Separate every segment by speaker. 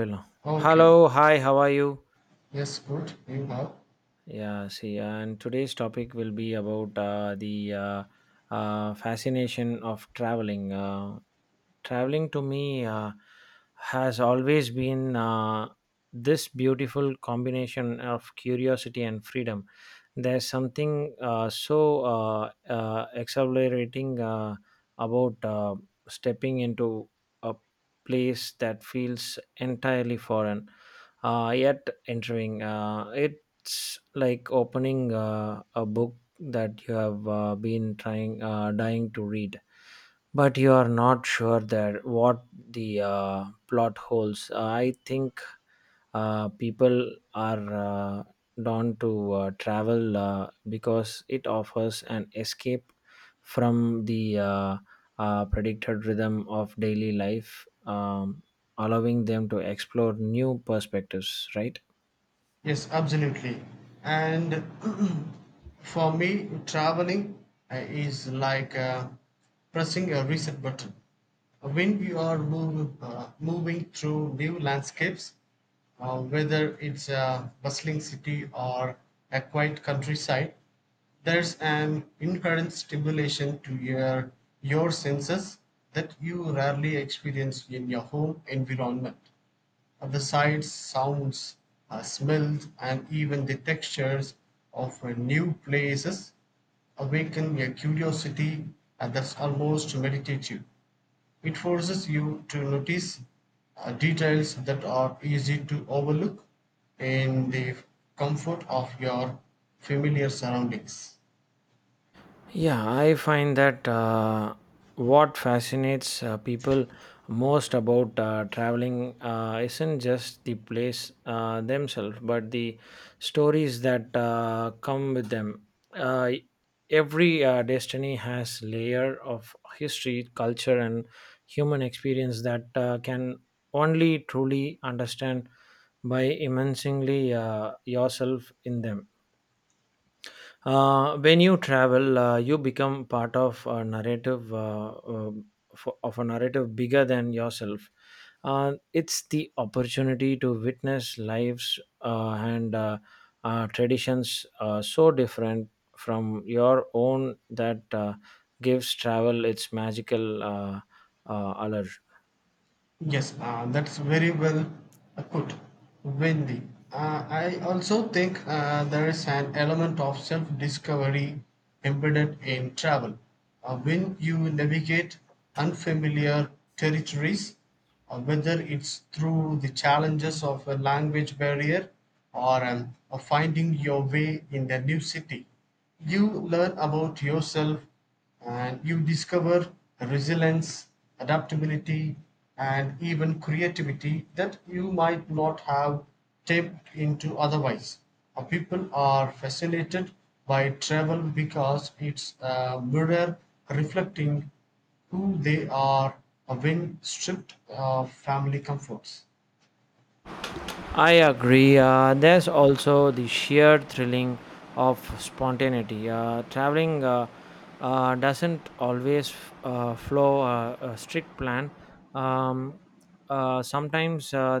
Speaker 1: Hello.
Speaker 2: Okay.
Speaker 1: Hello, hi, how are you?
Speaker 2: Yes, good. You have.
Speaker 1: Yeah, see, and today's topic will be about the fascination of traveling. Traveling to me has always been this beautiful combination of curiosity and freedom. There's something exhilarating about stepping into a place that feels entirely foreign, yet entering. It's like opening a book that you have dying to read, but you are not sure that what the plot holes, I think people are drawn to travel because it offers an escape from the predicted rhythm of daily life, allowing them to explore new perspectives, right?
Speaker 2: Yes, absolutely. And for me, traveling is like pressing a reset button. When you are move, Moving through new landscapes, whether it's a bustling city or a quiet countryside, there's an inherent stimulation to your senses that you rarely experience in your home environment. The sights, sounds, smells, and even the textures of new places awaken a curiosity that's almost meditative. It forces you to notice details that are easy to overlook in the comfort of your familiar surroundings.
Speaker 1: Yeah, I find that what fascinates people most about traveling isn't just the place themselves, but the stories that come with them. Uh, every destiny has layer of history, culture, and human experience that can only truly understand by immersingly yourself in them. When you travel, you become part of a narrative of a narrative bigger than yourself. It's the opportunity to witness lives and traditions so different from your own that gives travel its magical allure.
Speaker 2: Yes, that's very well put, Wendy. I also think there is an element of self discovery embedded in travel. When you navigate unfamiliar territories, whether it's through the challenges of a language barrier or finding your way in a new city, you learn about yourself and you discover resilience, adaptability, and even creativity that you might not have tapped into otherwise. People are fascinated by travel because it's a mirror reflecting who they are when stripped of family comforts.
Speaker 1: I agree. There's also the sheer thrilling of spontaneity. Traveling doesn't always flow a strict plan. Um, Sometimes uh,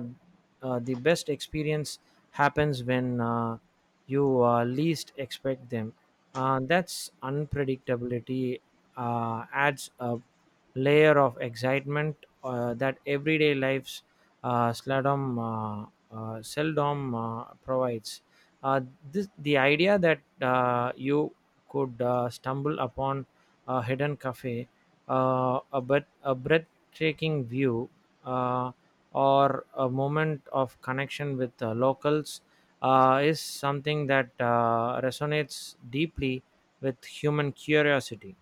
Speaker 1: uh, the best experience happens when you least expect them. That's unpredictability adds a layer of excitement that everyday life's slalom seldom provides. Uh, the idea that you could stumble upon a hidden cafe, a breathtaking view, uh, or a moment of connection with locals is something that resonates deeply with human curiosity.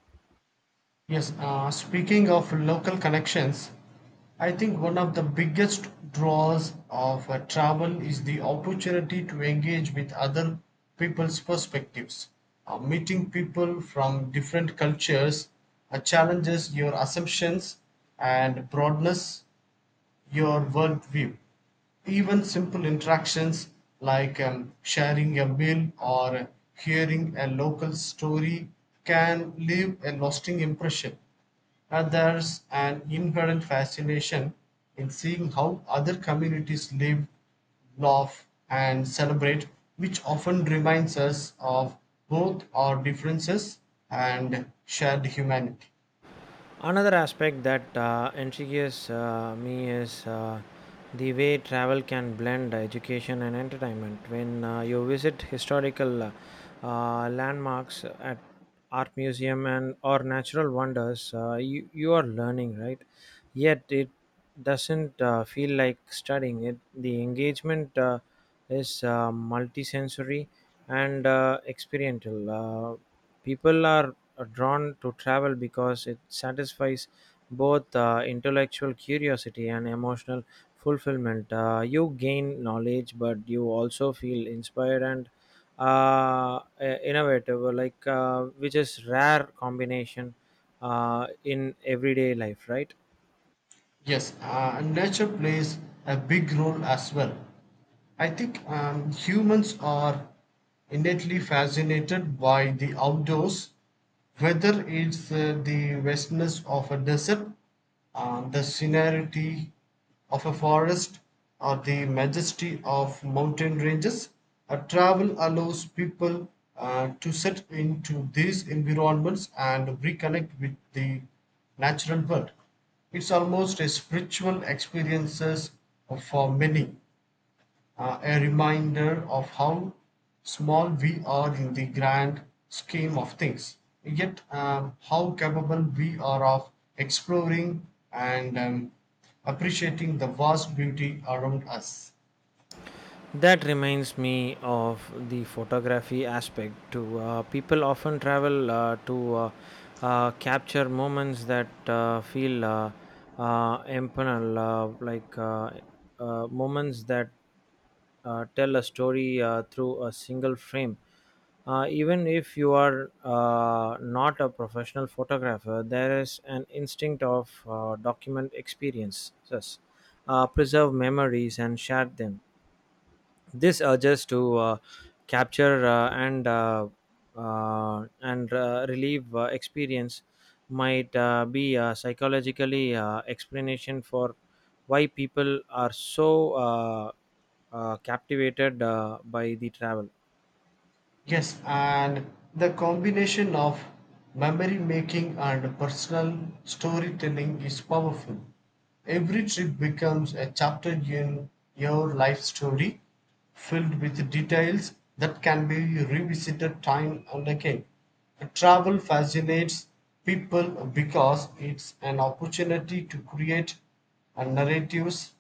Speaker 2: Yes, speaking of local connections, I think one of the biggest draws of travel is the opportunity to engage with other people's perspectives. Meeting people from different cultures challenges your assumptions and broadness your worldview. Even simple interactions like sharing a meal or hearing a local story can leave a lasting impression. And there's an inherent fascination in seeing how other communities live, laugh, and celebrate, which often reminds us of both our differences and shared humanity.
Speaker 1: Another aspect that intrigues me is the way travel can blend education and entertainment. When you visit historical landmarks at art museum and or natural wonders, you are learning, right? Yet it doesn't feel like studying. It the engagement is multisensory and experiential. People are drawn to travel because it satisfies both intellectual curiosity and emotional fulfillment. You gain knowledge, but you also feel inspired and innovative, like, which is rare combination in everyday life, right?
Speaker 2: Yes, nature plays a big role as well. I think humans are innately fascinated by the outdoors, whether it's the vastness of a desert, the scenery of a forest, or the majesty of mountain ranges. Travel allows people to set into these environments and reconnect with the natural world. It's almost a spiritual experiences for many a reminder of how small we are in the grand scheme of things, yet how capable we are of exploring and appreciating the vast beauty around us.
Speaker 1: That reminds me of the photography aspect too. People often travel to capture moments that feel impersonal, like moments that tell a story through a single frame. Even if you are not a professional photographer, there is an instinct of document experiences, preserve memories, and share them. This urges to capture and relieve experience might be a psychologically explanation for why people are so captivated by the travel.
Speaker 2: Yes, and the combination of memory making and personal storytelling is powerful. Every trip becomes a chapter in your life story, filled with details that can be revisited time and again. Travel fascinates people because it's an opportunity to create narratives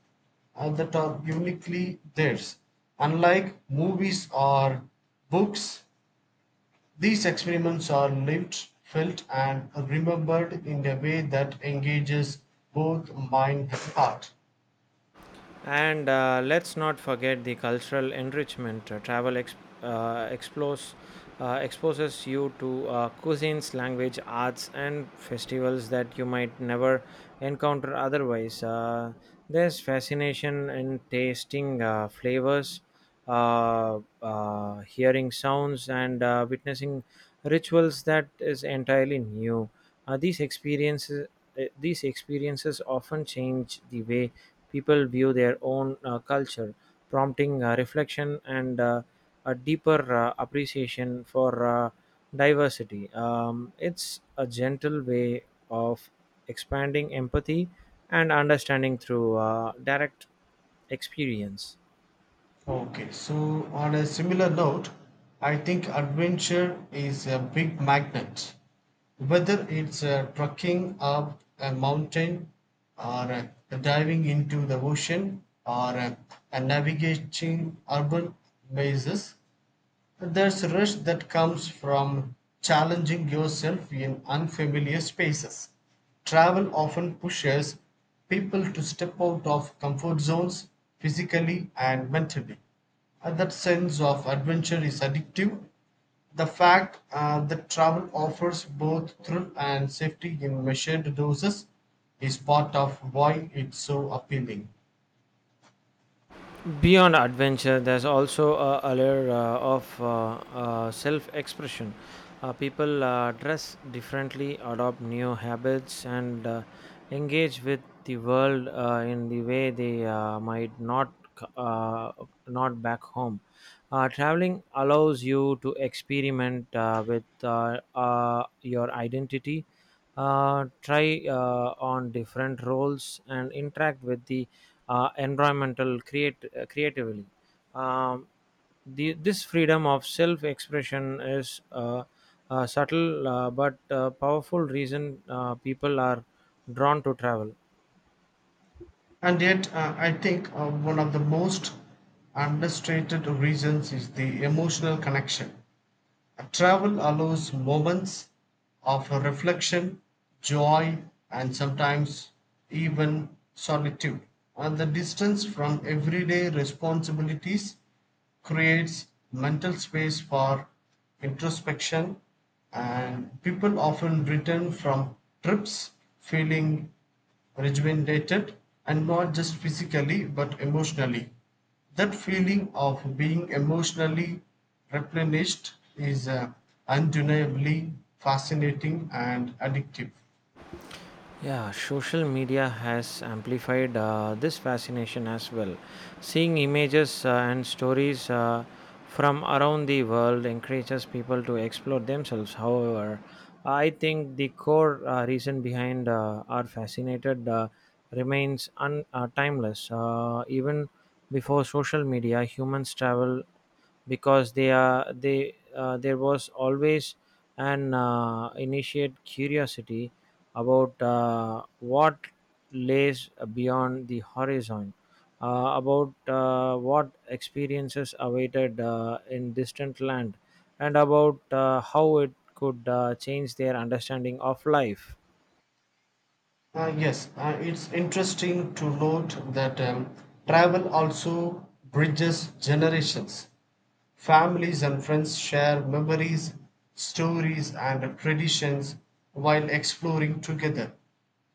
Speaker 2: and that are uniquely theirs. Unlike movies or books, these experiments are lived, felt, and remembered in a way that engages both mind and heart.
Speaker 1: And let's not forget the cultural enrichment. Travel explores, exposes you to cuisines, language, arts, and festivals that you might never encounter otherwise. There's fascination in tasting flavors, hearing sounds and witnessing rituals that is entirely new. Uh, these experiences these experiences often change the way people view their own culture, prompting reflection and a deeper appreciation for diversity. It's a gentle way of expanding empathy and understanding through direct experience.
Speaker 2: Okay, so on a similar note, I think adventure is a big magnet. Whether it's trekking up a mountain, or diving into the ocean, or navigating urban mazes, there's a rush that comes from challenging yourself in unfamiliar spaces. Travel often pushes people to step out of comfort zones physically and mentally. That sense of adventure is addictive. The fact that travel offers both thrill and safety in measured doses is part of why it's so appealing.
Speaker 1: Beyond adventure, there's also a layer of self expression. People dress differently, adopt new habits, and engage with the world in the way they might c- uh, not back home. Traveling allows you to experiment with your identity, try on different roles and interact with the environmental create creatively. Um, the, this freedom of self expression is a subtle but powerful reason people are drawn to travel.
Speaker 2: And yet, I think one of the most understated reasons is the emotional connection. Travel allows moments of reflection, joy, and sometimes even solitude. And the distance from everyday responsibilities creates mental space for introspection, and people often return from trips feeling rejuvenated and not just physically but emotionally. That feeling of being emotionally replenished is undeniably fascinating and addictive.
Speaker 1: Yeah, social media has amplified this fascination as well. Seeing images and stories from around the world encourages people to explore themselves. However, I think the core reason behind our fascinated remains timeless. Even before social media, humans travel because they are they there was always an initiate curiosity about what lays beyond the horizon, about what experiences awaited in distant land, and about how it could change their understanding of life.
Speaker 2: Yes, it's interesting to note that travel also bridges generations. Families and friends share memories, stories, and traditions while exploring together.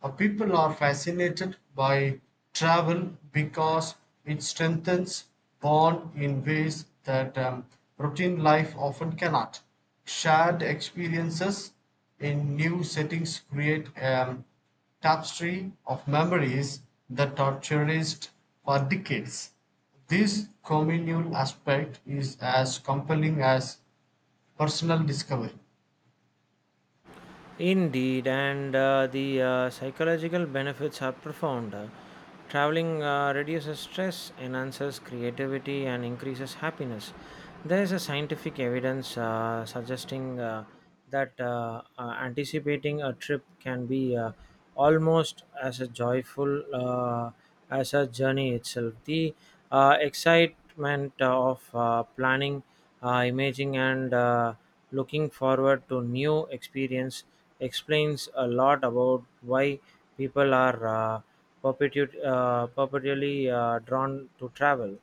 Speaker 2: People are fascinated by travel because it strengthens bond in ways that routine life often cannot. Shared experiences in new settings create a tapestry of memories that are cherished for decades. This communal aspect is as compelling as personal discovery.
Speaker 1: Indeed, and the psychological benefits are profound. Traveling reduces stress, enhances creativity, and increases happiness. There is a scientific evidence suggesting that anticipating a trip can be almost as a joyful as a journey itself. The excitement of planning, imaging, and looking forward to new experience explains a lot about why people are perpetually drawn to travel.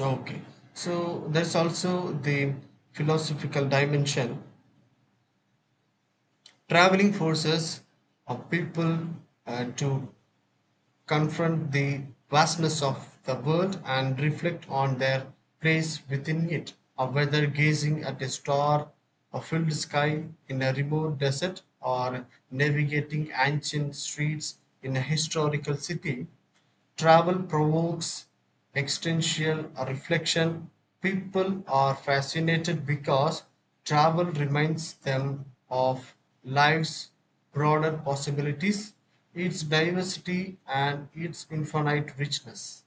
Speaker 2: Okay, so there's also the philosophical dimension. Traveling forces of people to confront the vastness of the world and reflect on their place within it, or whether gazing at a star a filled sky in a remote desert or navigating ancient streets in a historical city, travel provokes existential reflection. People are fascinated because travel reminds them of life's broader possibilities, its diversity, and its infinite richness.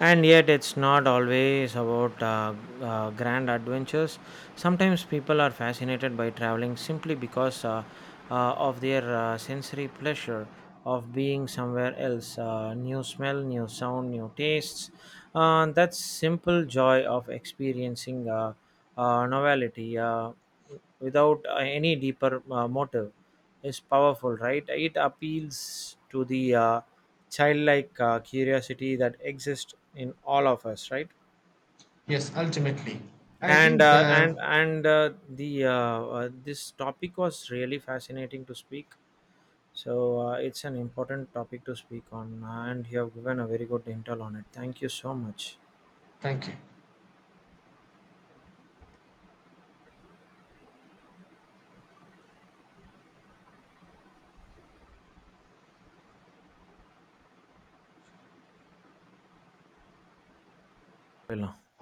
Speaker 1: And yet, it's not always about grand adventures. Sometimes people are fascinated by traveling simply because of their sensory pleasure of being somewhere else. New smell, new sound, new tastes. That simple joy of experiencing novelty without any deeper motive is powerful, right? It appeals to the childlike curiosity that exists in all of us, right?
Speaker 2: Yes, ultimately. I think the.
Speaker 1: And the this topic was really fascinating to speak, so it's an important topic to speak on, and you have given a very good intel on it. Thank you so much.
Speaker 2: Thank you.